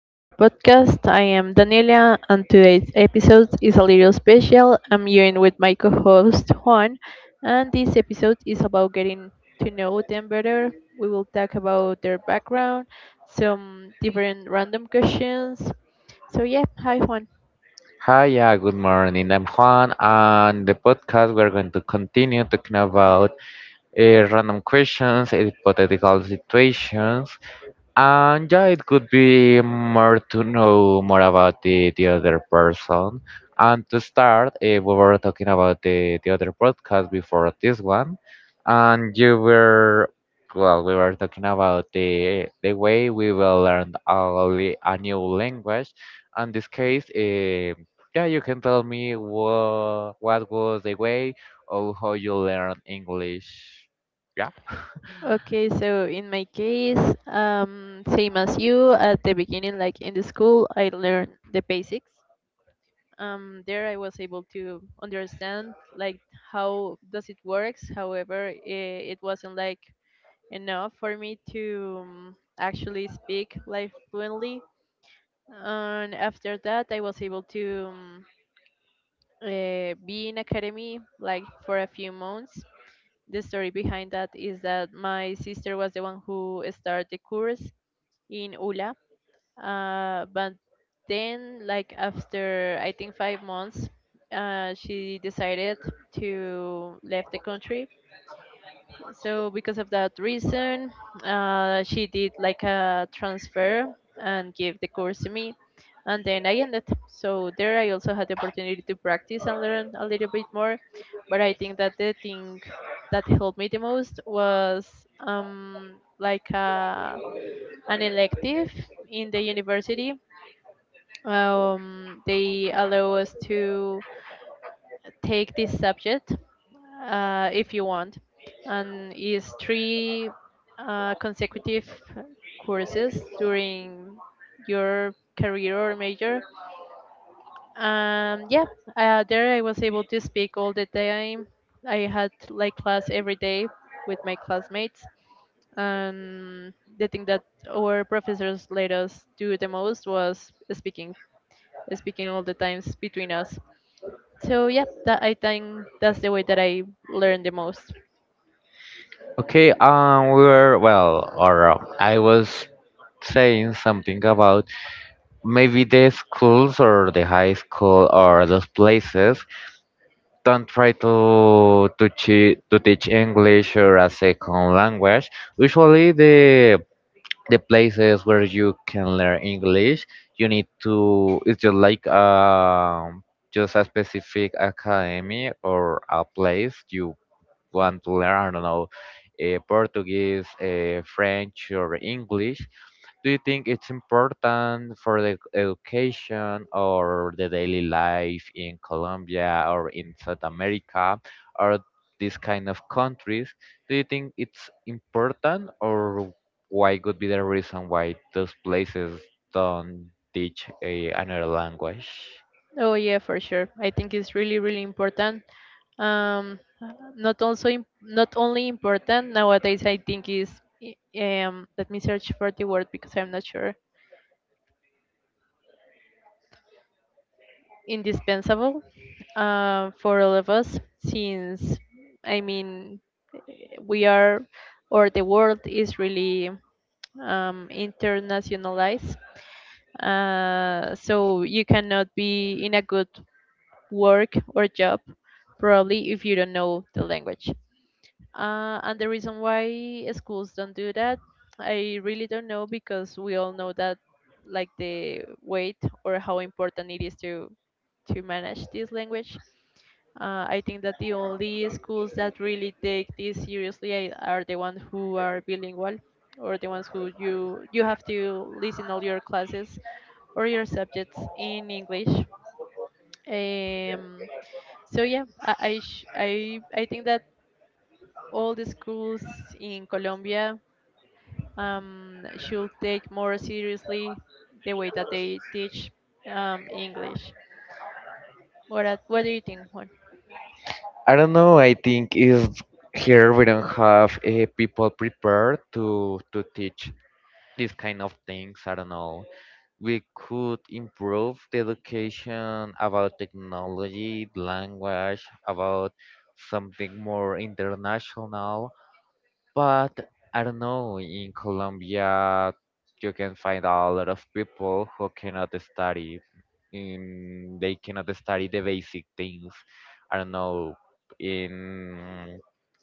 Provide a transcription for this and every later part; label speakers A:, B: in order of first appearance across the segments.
A: to our podcast. I am Daniela, and today's episode is a little special. I'm here in with my co host Juan, and this episode is about getting to know them better. We will talk about their background, some different random questions. So, yeah, hi Juan.
B: Hi, yeah, good morning. I'm Juan, and the podcast we're going to continue talking about random questions, hypothetical situations. And yeah, it could be more to know more about the other person. And to start, we were talking about the other podcast before this one. And you were, well, we were talking about the way we will learn a new language. And this case, yeah, you can tell me what was the way or how you learn English. Yeah.
A: Okay, so in my case, same as you at the beginning, like in the school, I learned the basics there I was able to understand like how does it works. However, it wasn't like enough for me to actually speak like fluently. And after that, I was able to be in academy like for a few months. The story behind that is that my sister was the one who started the course in ULA but then, like after I think 5 months, she decided to leave the country. So because of that reason, she did like a transfer and gave the course to me, and then I ended. So there, I also had the opportunity to practice and learn a little bit more. But I think that the thing that helped me the most was um like uh, an elective in the university, they allow us to take this subject, if you want, and is three consecutive courses during your career or major. Um, yeah, there I was able to speak all the time. I had like class every day with my classmates, and the thing that our professors let us do the most was speaking all the times between us. So yeah, that I think that's the way that I learn the most.
B: Okay, we were, well, or I was saying something about maybe the schools or the high school or those places don't try to teach English or a second language. Usually, the places where you can learn English, you need to. It's just like just a specific academy or a place you want to learn, I don't know, Portuguese, French, or English. Do you think it's important for the education or the daily life in Colombia or in South America or these kind of countries? Do you think it's important, or why could be the reason why those places don't teach another language?
A: Oh yeah, for sure. I think it's really important. Um, not also not only important nowadays. I think is I- um. Let me search for the word because I'm not sure. Indispensable. For all of us since I mean we are or the world is really internationalized. So you cannot be in a good work or job probably if you don't know the language. And the reason why schools don't do that, I really don't know because we all know that like the weight or how important it is to manage this language. I think that the only schools that really take this seriously are the ones who are bilingual or the ones who you have to listen all your classes or your subjects in English. Um, so yeah, I, sh- I think that all the schools in Colombia should take more seriously the way that they teach, English. What do you think, Juan?
B: I don't know. I think is here we don't have people prepared to teach these kind of things. I don't know. We could improve the education about technology, language, about something more international. But I don't know. In Colombia, you can find a lot of people who cannot study in they cannot study the basic things. I don't know in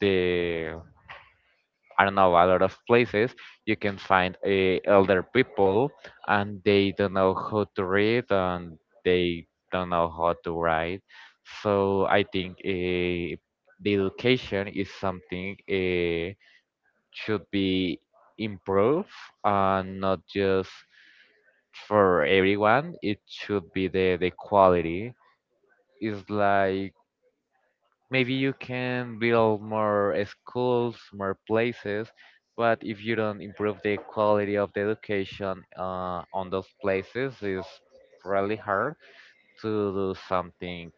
B: the I don't know a lot of places you can find elder people, and they don't know how to read, and they don't know how to write. So I think the education is something should be improved, and not just for everyone. It should be the quality is like, maybe you can build more schools, more places, but if you don't improve the quality of the education on those places, it's really hard to do something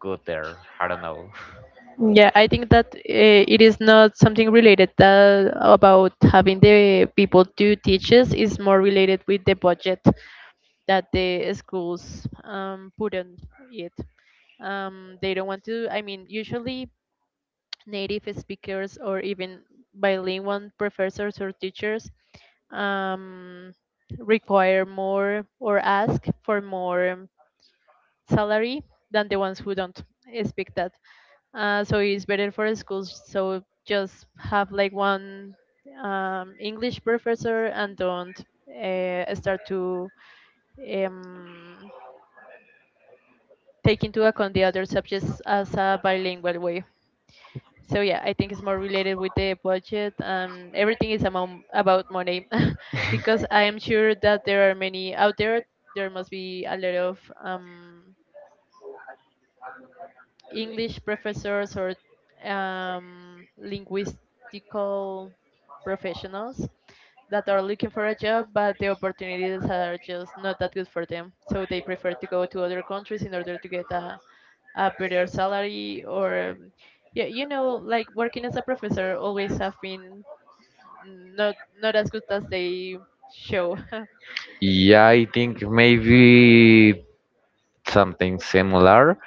B: good there. I don't know.
A: Yeah, I think that it is not something related that about having the people do teachers. It's more related with the budget that the schools put on it. They don't want to, I mean, usually native speakers or even bilingual professors or teachers um, require more or ask for more salary than the ones who don't speak that. So it's better for schools so just have like one english professor and don't start to um, take into account the other subjects as a bilingual way. So yeah, I think it's more related with the budget and everything is amount, about money because I am sure that there are many out there, there must be a lot of english professors or linguistical professionals that are looking for a job, but the opportunities are just not that good for them, so they prefer to go to other countries in order to get a better salary or yeah, like working as a professor always have been not as good as they show.
B: Yeah, I think maybe something similar.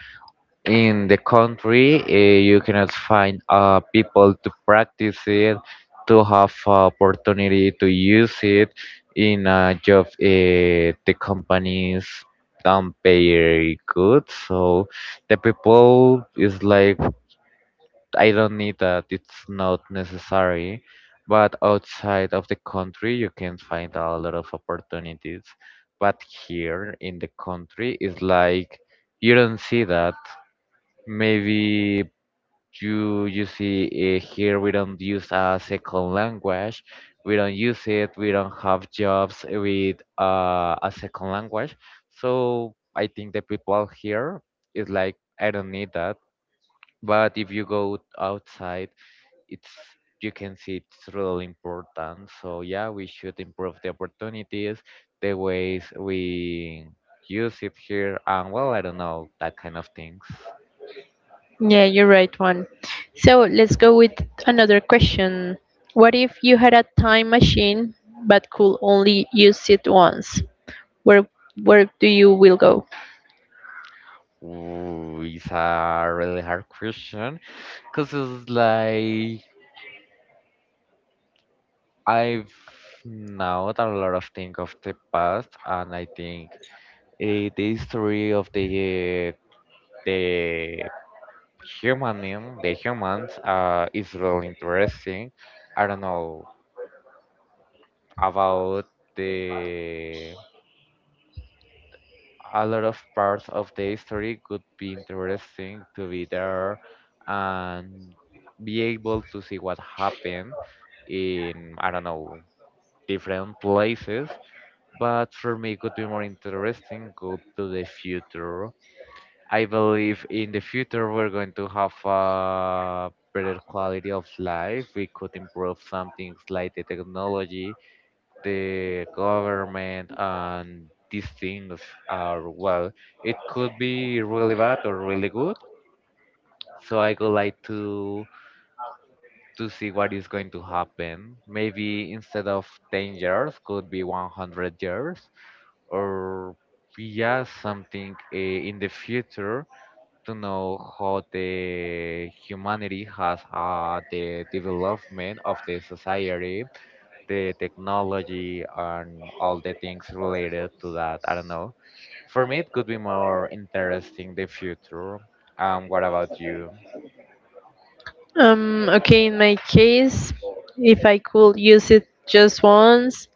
B: In the country, you cannot find people to practice it, to have opportunity to use it in a job. The companies don't pay very good, so the people is like, I don't need that, it's not necessary. But outside of the country you can find a lot of opportunities, but here in the country is like you don't see that. Maybe you see, here we don't use a second language, we don't use it, we don't have jobs with a second language. So I think the people here is like, I don't need that. But if you go outside, it's, you can see it's really important. So yeah, we should improve the opportunities, the ways we use it here, and well, I don't know, that kind of things.
A: Yeah, you're right, Juan. So let's go with another question. What if you had a time machine but could only use it once? Where where do you will go?
B: Ooh, it's a really hard question, because it's like, I've not a lot of things of the past, and I think, the history of the human the humans is really interesting. I don't know about the a lot of parts of the history could be interesting to be there and be able to see what happened in, I don't know, different places. But for me, it could be more interesting go to the future. I believe in the future we're going to have a better quality of life. We could improve some things like the technology, the government, and these things are, well, it could be really bad or really good. So I would like to see what is going to happen, maybe instead of 10 years could be 100 years, or yeah, something in the future, to know how the humanity has, the development of the society, the technology, and all the things related to that. I don't know. For me, it could be more interesting the future. What about you?
A: Okay, in my case, if I could use it just once,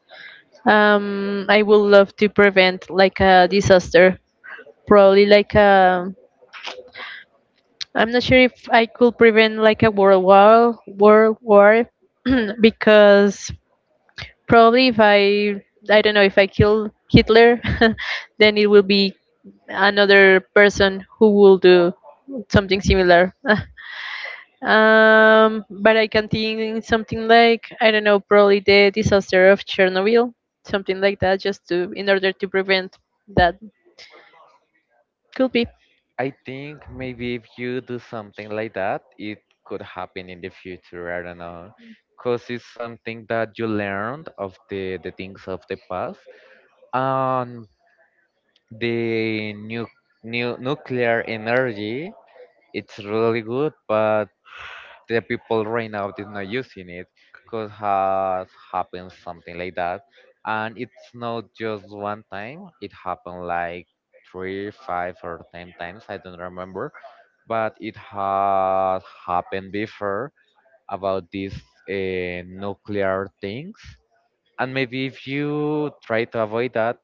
A: I would love to prevent like a disaster. Probably like a, I'm not sure if I could prevent like a world war, because probably if I, I don't know, if I kill Hitler, then it will be another person who will do something similar. But I can think something like, I don't know, probably the disaster of Chernobyl, something like that, just to in order to prevent that could be.
B: I think maybe if you do something like that, it could happen in the future. I don't know. Because it's something that you learned of the things of the past. And the new nuclear energy, it's really good, but the people right now is not using it, because has happened something like that. And it's not just one time it happened, like three five or 10 times, I don't remember, but it has happened before about these nuclear things. And maybe if you try to avoid that,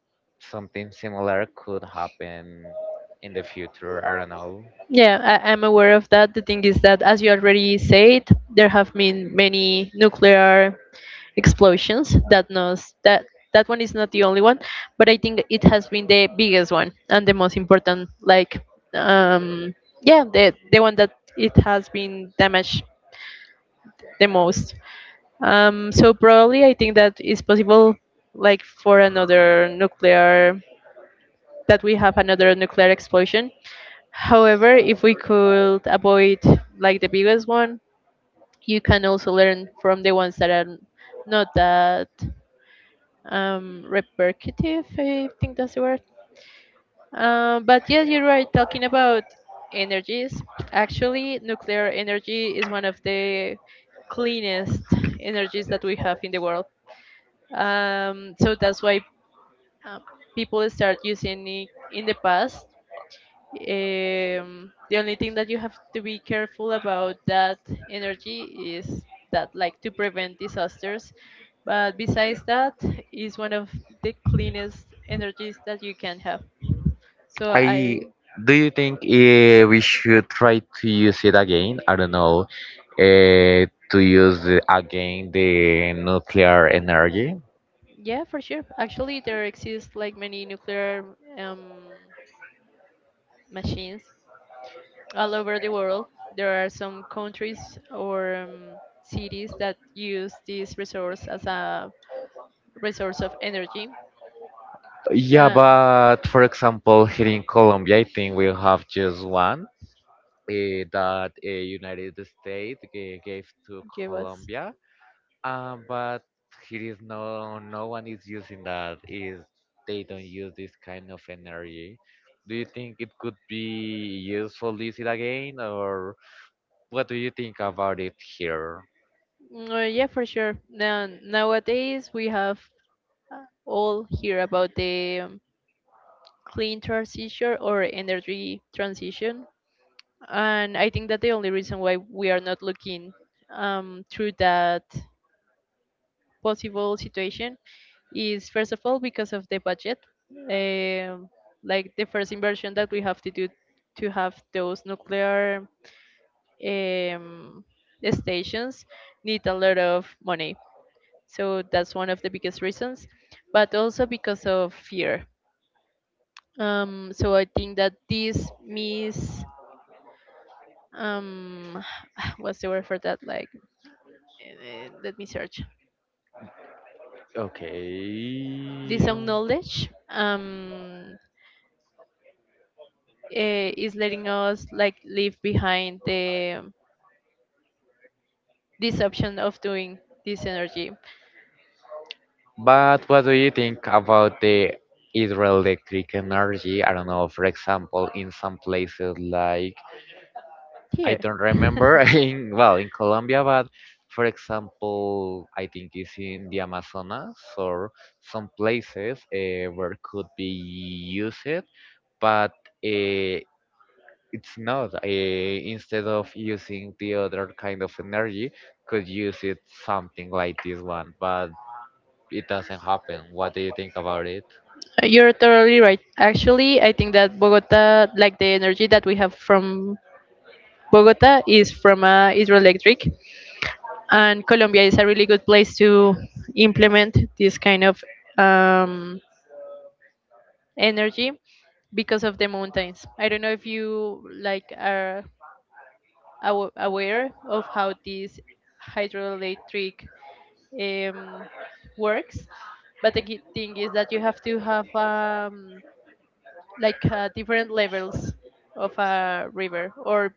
B: something similar could happen in the future, I don't know.
A: Yeah, I'm aware of that. The thing is that, as you already said, there have been many nuclear explosions. That knows that that one is not the only one, but I think it has been the biggest one and the most important. Like, um, yeah, the one that it has been damaged the most. So probably I think that is possible, like for another nuclear, that we have another nuclear explosion. However, if we could avoid like the biggest one, you can also learn from the ones that are not that repetitive. I think that's the word. But yes, you're right. Talking about energies, actually, nuclear energy is one of the cleanest energies that we have in the world. So that's why uh, people start using it in the past. The only thing that you have to be careful about that energy is that, like, to prevent disasters. But besides that, is one of the cleanest energies that you can have. So
B: I
A: I,
B: Do you think we should try to use it again? I don't know, uh, to use again the nuclear energy.
A: yeah, for sure. Actually, there exist like many nuclear machines all over the world. There are some countries or cities that use this resource as a resource of energy.
B: Yeah,
A: Uh,
B: but for example, here in Colombia, I think we have just one that, United States gave to
A: Give us.
B: Colombia. But here is no, no one is using that. Is, they don't use this kind of energy. Do you think it could be useful is it again, or what do you think about it here?
A: Yeah, for sure. Nowadays we have all hear about the clean transition or energy transition, and I think that the only reason why we are not looking through that possible situation is first of all because of the budget. Um, like the first inversion that we have to do to have those nuclear um, stations need a lot of money. So that's one of the biggest reasons, but also because of fear. So I think that this mis um, what's the word for that? Like, let me search. This
B: Okay.
A: own knowledge, is letting us like leave behind the this option of doing this energy.
B: But what do you think about the hydroelectric energy? I don't know, for example, in some places like, I
A: Here.
B: don't remember, in well, in Colombia, but for example, I think it's in the Amazonas or some places where could be used, but uh, it's not. Instead of using the other kind of energy, could use it something like this one, but it doesn't happen. What do you think about it?
A: You're totally right. Actually, I think that Bogota, like the energy that we have from Bogota, is from hydroelectric, and Colombia is a really good place to implement this kind of um, energy because of the mountains. I don't know if you like are aware of how these hydroelectric um, works. But the key thing is that you have to have different levels of a river or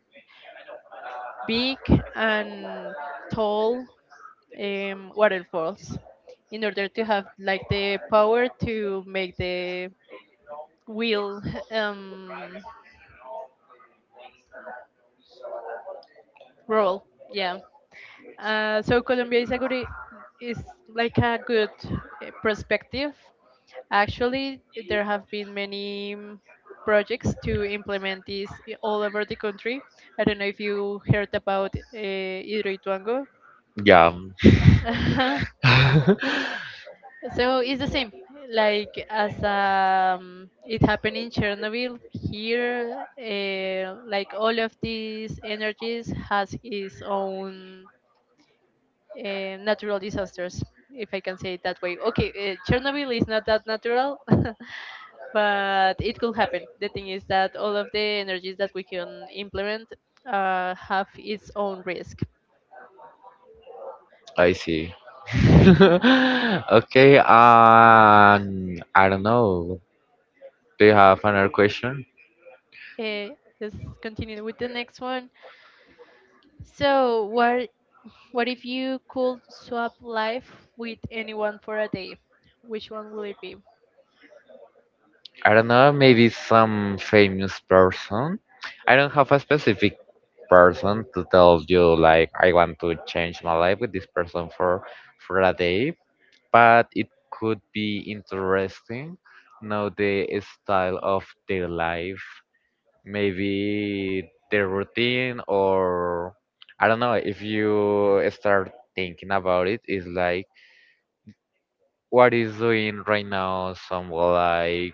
A: big and tall waterfalls in order to have like the power to make the wheel um, roll, yeah. So Colombia is a is like a good, perspective. Actually, there have been many projects to implement this all over the country. I don't know if you heard about Hidroituango.
B: Yeah,
A: So it's the same, like as it happened in Chernobyl. Here, like all of these energies has its own natural disasters, if I can say it that way. Okay, Chernobyl is not that natural, but it could happen. The thing is that all of the energies that we can implement have its own risk.
B: I see. Okay, I don't know. Do you have another question?
A: Okay, let's continue with the next one. So, what if you could swap life with anyone for a day? Which one will it be?
B: I don't know, maybe some famous person. I don't have a specific person to tell you, like, I want to change my life with this person for a day, but it could be interesting know the style of their life, maybe their routine. Or I don't know, if you start thinking about it, it's like, what is doing right now someone like,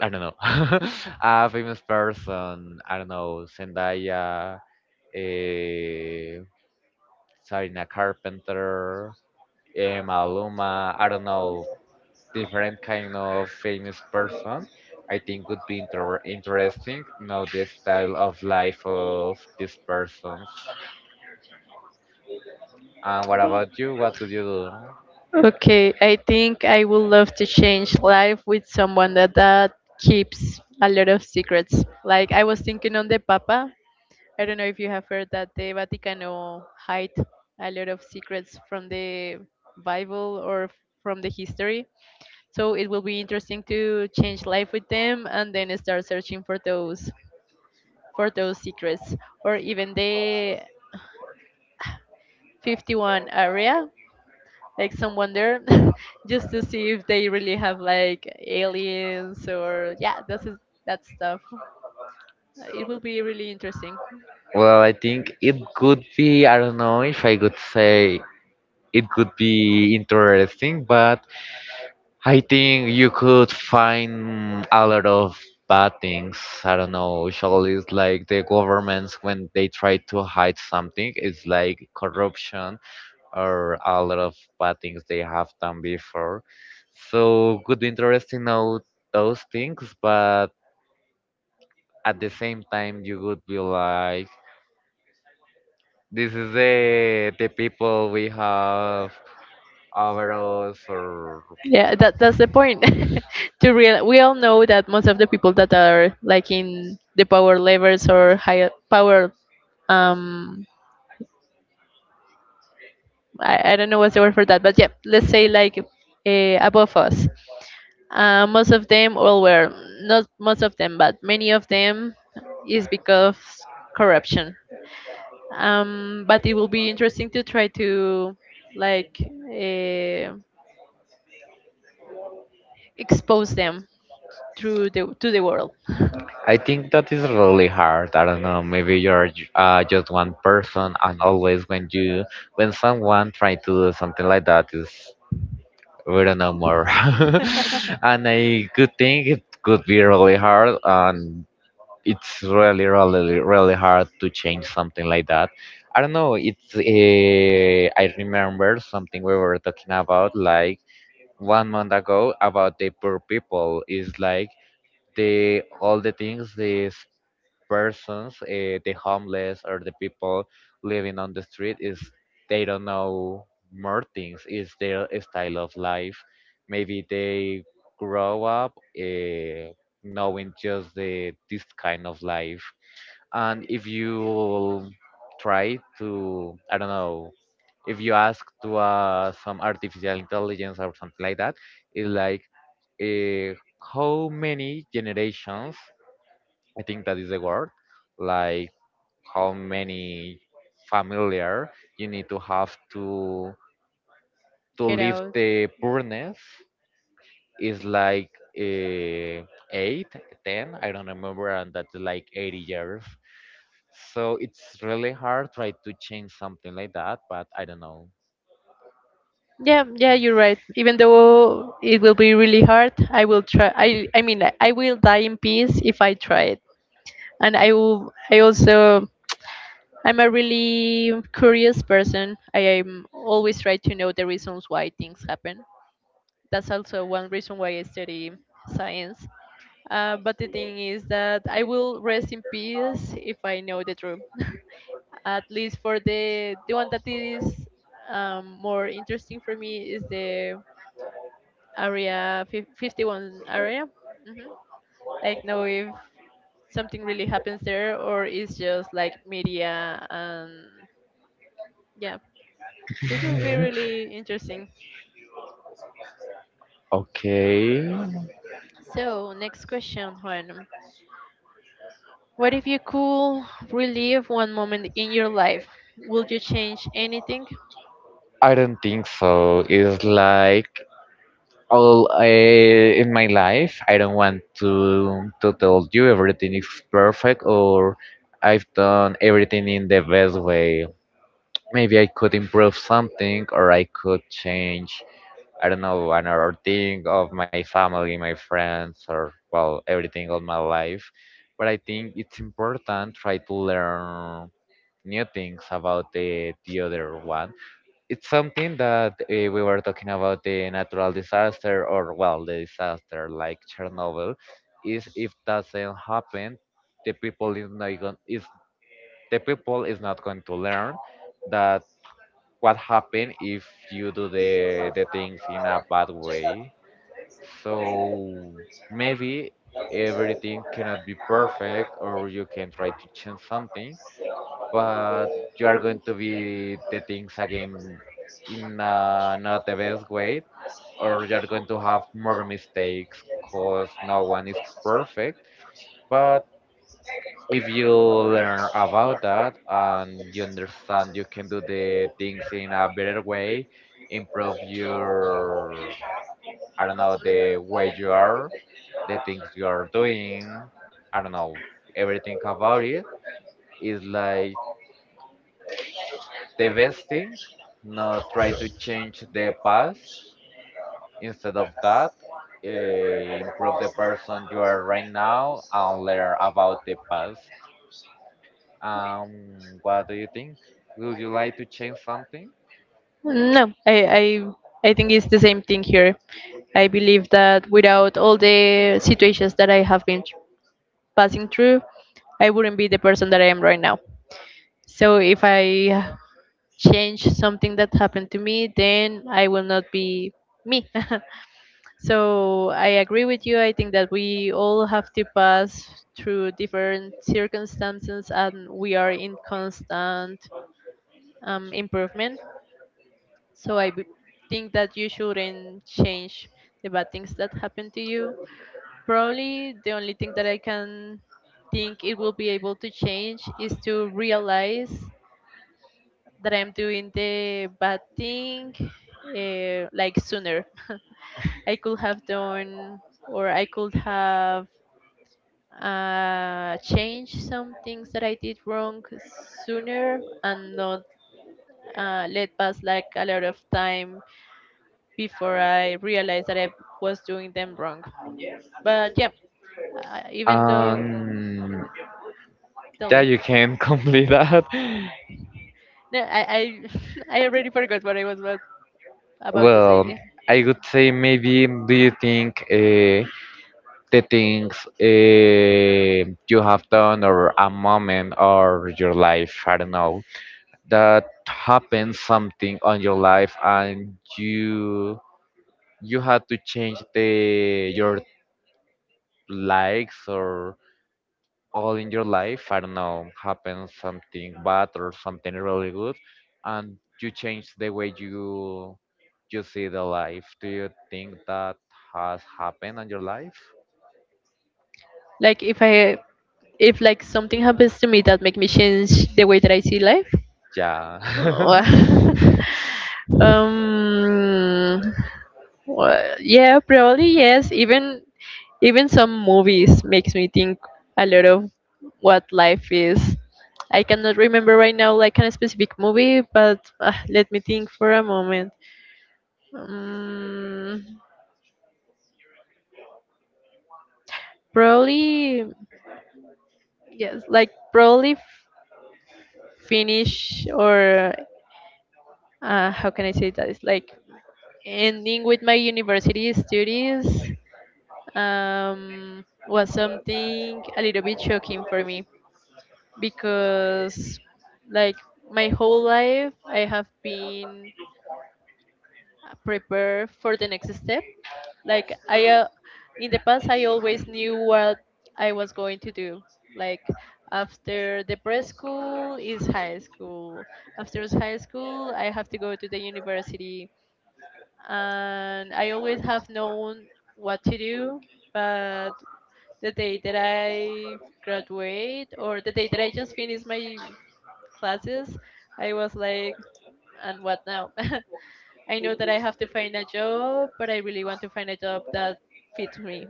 B: I don't know, a famous person, I don't know, Zendaya, uh, Sarina Carpenter, Maluma, I don't know, different kind of famous person. I think would be interesting know the style of life of these persons. And what about you? What would you do?
A: Okay, I think I would love to change life with someone that keeps a lot of secrets. Like I was thinking on the papa, I don't know if you have heard that the Vaticano hide a lot of secrets from the Bible from the history. So it will be interesting to change life with them and then start searching for those, for those secrets, or even the 51 area, like someone there, just to see if they really have like aliens or, yeah, that's that stuff. It will be really interesting.
B: Well, I think it could be, I don't know if I could say it could be interesting, but I think you could find a lot of bad things. I don't know. Usually, it's like the governments, when they try to hide something, it's like corruption, or a lot of bad things they have done before. So, could be interesting know those things, but at the same time, you would be like, this is the people we have over us, or,
A: Yeah, that that's the point. To real, we all know that most of the people that are like in the power levels or high power, um, I don't know what's the word for that, but yeah, let's say like above us. Most of them, all were not most of them, but many of them is because corruption. But it will be interesting to try to like uh, expose them through the to the world.
B: I think that is really hard. I don't know. Maybe you're just one person, and always when you when someone try to do something like that is, we don't know more. And I could think it could be really hard, and it's really, really, really hard to change something like that. I don't know. It's I remember something we were talking about like one month ago about the poor people. Is like, the all the things, the persons, the homeless or the people living on the street, is, they don't know more things. It's their style of life. Maybe they grow up, uh, knowing just the this kind of life. And if you try to, I don't know, if you ask to, some artificial intelligence or something like that, it's like, uh, how many generations, I think that is the word, like how many familiar you need to have to
A: Get
B: leave
A: out.
B: the poorness, is like, uh, eight, ten, I don't remember, and that's like 80 years. So it's really hard try to change something like that, but I don't know.
A: Yeah, you're right. Even though it will be really hard, I will try. I mean, I will die in peace if I try it. And I will. I also. I'm a really curious person. I am always try to know the reasons why things happen. That's also one reason why I study science. But the thing is that I will rest in peace if I know the truth. At least for the one that is more interesting for me is the 51 area. hmm Like know if something really happens there or it's just like media and yeah, it will be really interesting.
B: Okay,
A: So next question, Juan. What if you could relive one moment in your life? Would you change anything?
B: I don't think so. It's like all, in my life, I don't want to tell you everything is perfect, or I've done everything in the best way. Maybe I could improve something, or I could change. I don't know, another thing of my family, my friends, or well, everything of my life. But I think it's important try to learn new things about the other one. It's something that, we were talking about the natural disaster, or well, the disaster like Chernobyl, is, if doesn't happen, the people is not going is the people is not going to learn that, what happened if you do the things in a bad way. So maybe everything cannot be perfect, or you can try to change something, but you are going to be the things again in, not the best way, or you are going to have more mistakes, because no one is perfect. But if you learn about that and you understand, you can do the things in a better way, improve your, I don't know, the way you are, the things you are doing, I don't know, everything about it is like the best thing, not try to change the past. Instead of that, improve the person you are right now and learn about the past. Um, what do you think? Would you like to change something?
A: No, I think it's the same thing here. I believe that without all the situations that I have been passing through, I wouldn't be the person that I am right now. So if I change something that happened to me, then I will not be me. So I agree with you. I think that we all have to pass through different circumstances and we are in constant improvement. So I b- think that you shouldn't change the bad things that happen to you. Probably the only thing that I can think it will be able to change is to realize that I'm doing the bad thing like sooner. I could have change some things that I did wrong sooner and not let pass like a lot of time before I realized that I was doing them wrong. But yeah, uh, even though,
B: Um,
A: tell
B: yeah,
A: me.
B: you can complete that.
A: No, I, I already forgot what I was about to
B: Well,
A: say.
B: I would say, maybe, do you think, the things, you have done, or a moment or your life, I don't know, that happened something on your life, and you you had to change the your likes, or all in your life, I don't know, happened something bad or something really good, and you change the way you see the life. Do you think that has happened on your life?
A: Like if I, if like something happens to me that make me change the way that I see life.
B: Yeah.
A: um, Well, yeah, probably yes. Even some movies makes me think a lot of what life is. I cannot remember right now like a specific movie, but let me think for a moment. Mm, probably yes, like finish or how can I say that? It's like ending with my university studies was something a little bit shocking for me because like my whole life I have been prepared for the next step. Like I in the past I always knew what I was going to do. Like after the preschool is high school. High school I have to go to the university and I always have known what to do, but the day that I graduate or the day that I just finish my classes, I was like, and what now? I know that I have to find a job, but I really want to find a job that fits me.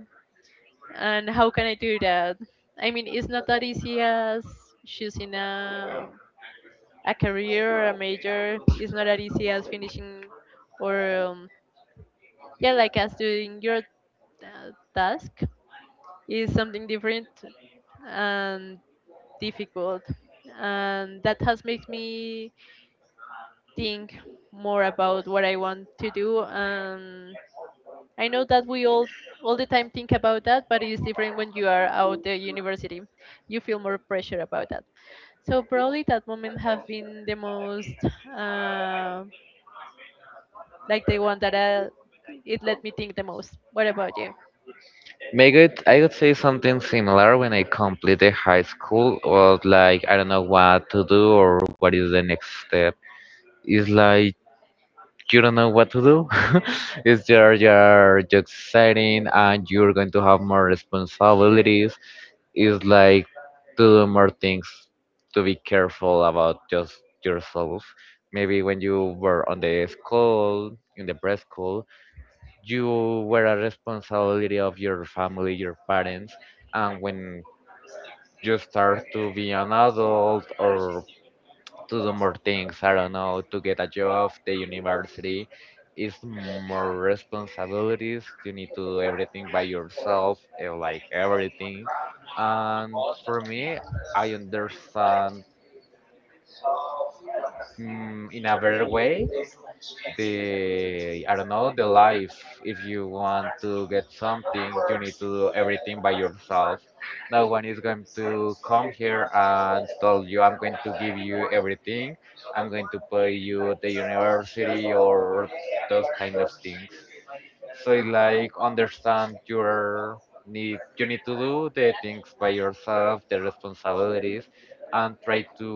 A: And how can I do that? I mean, it's not that easy as choosing a career or a major. It's not that easy as finishing or, yeah, like as doing your task is something different and difficult and that has made me think more about what I want to do. I know that we all the time think about that, but it is different when you are out the university. You feel more pressure about that. So probably that moment have been the most uh, like the one that it let me think the most. What about you?
B: May good, I would say something similar when I completed high school, was like, I don't know what to do or what is the next step. It's like, you don't know what to do. it's you're just exciting, and you're going to have more responsibilities. It's like to do more things, to be careful about just yourself. Maybe when you were on the school, in the preschool, you were a responsibility of your family, your parents, and when you start to be an adult, or to do more things, I don't know, to get a job, the university, is more responsibilities. You need to do everything by yourself, like everything. And for me, I understand, in a better way, the I don't know, the life. If you want to get something, you need to do everything by yourself. No one is going to come here and tell you, "I'm going to give you everything. I'm going to pay you the university, or those kind of things." So it's like understand your need. You need to do the things by yourself, the responsibilities, and try to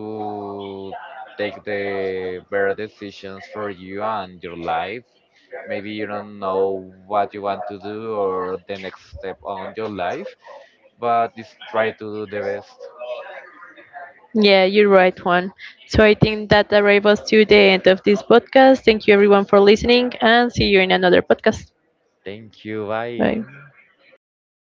B: take the better decisions for you and your life. Maybe you don't know what you want to do or the next step on your life, but just try to do the best.
A: Yeah, you're right, Juan. So I think that arrives us to the end of this podcast. Thank you everyone for listening and see you in another podcast.
B: Thank you. Bye.
A: Bye.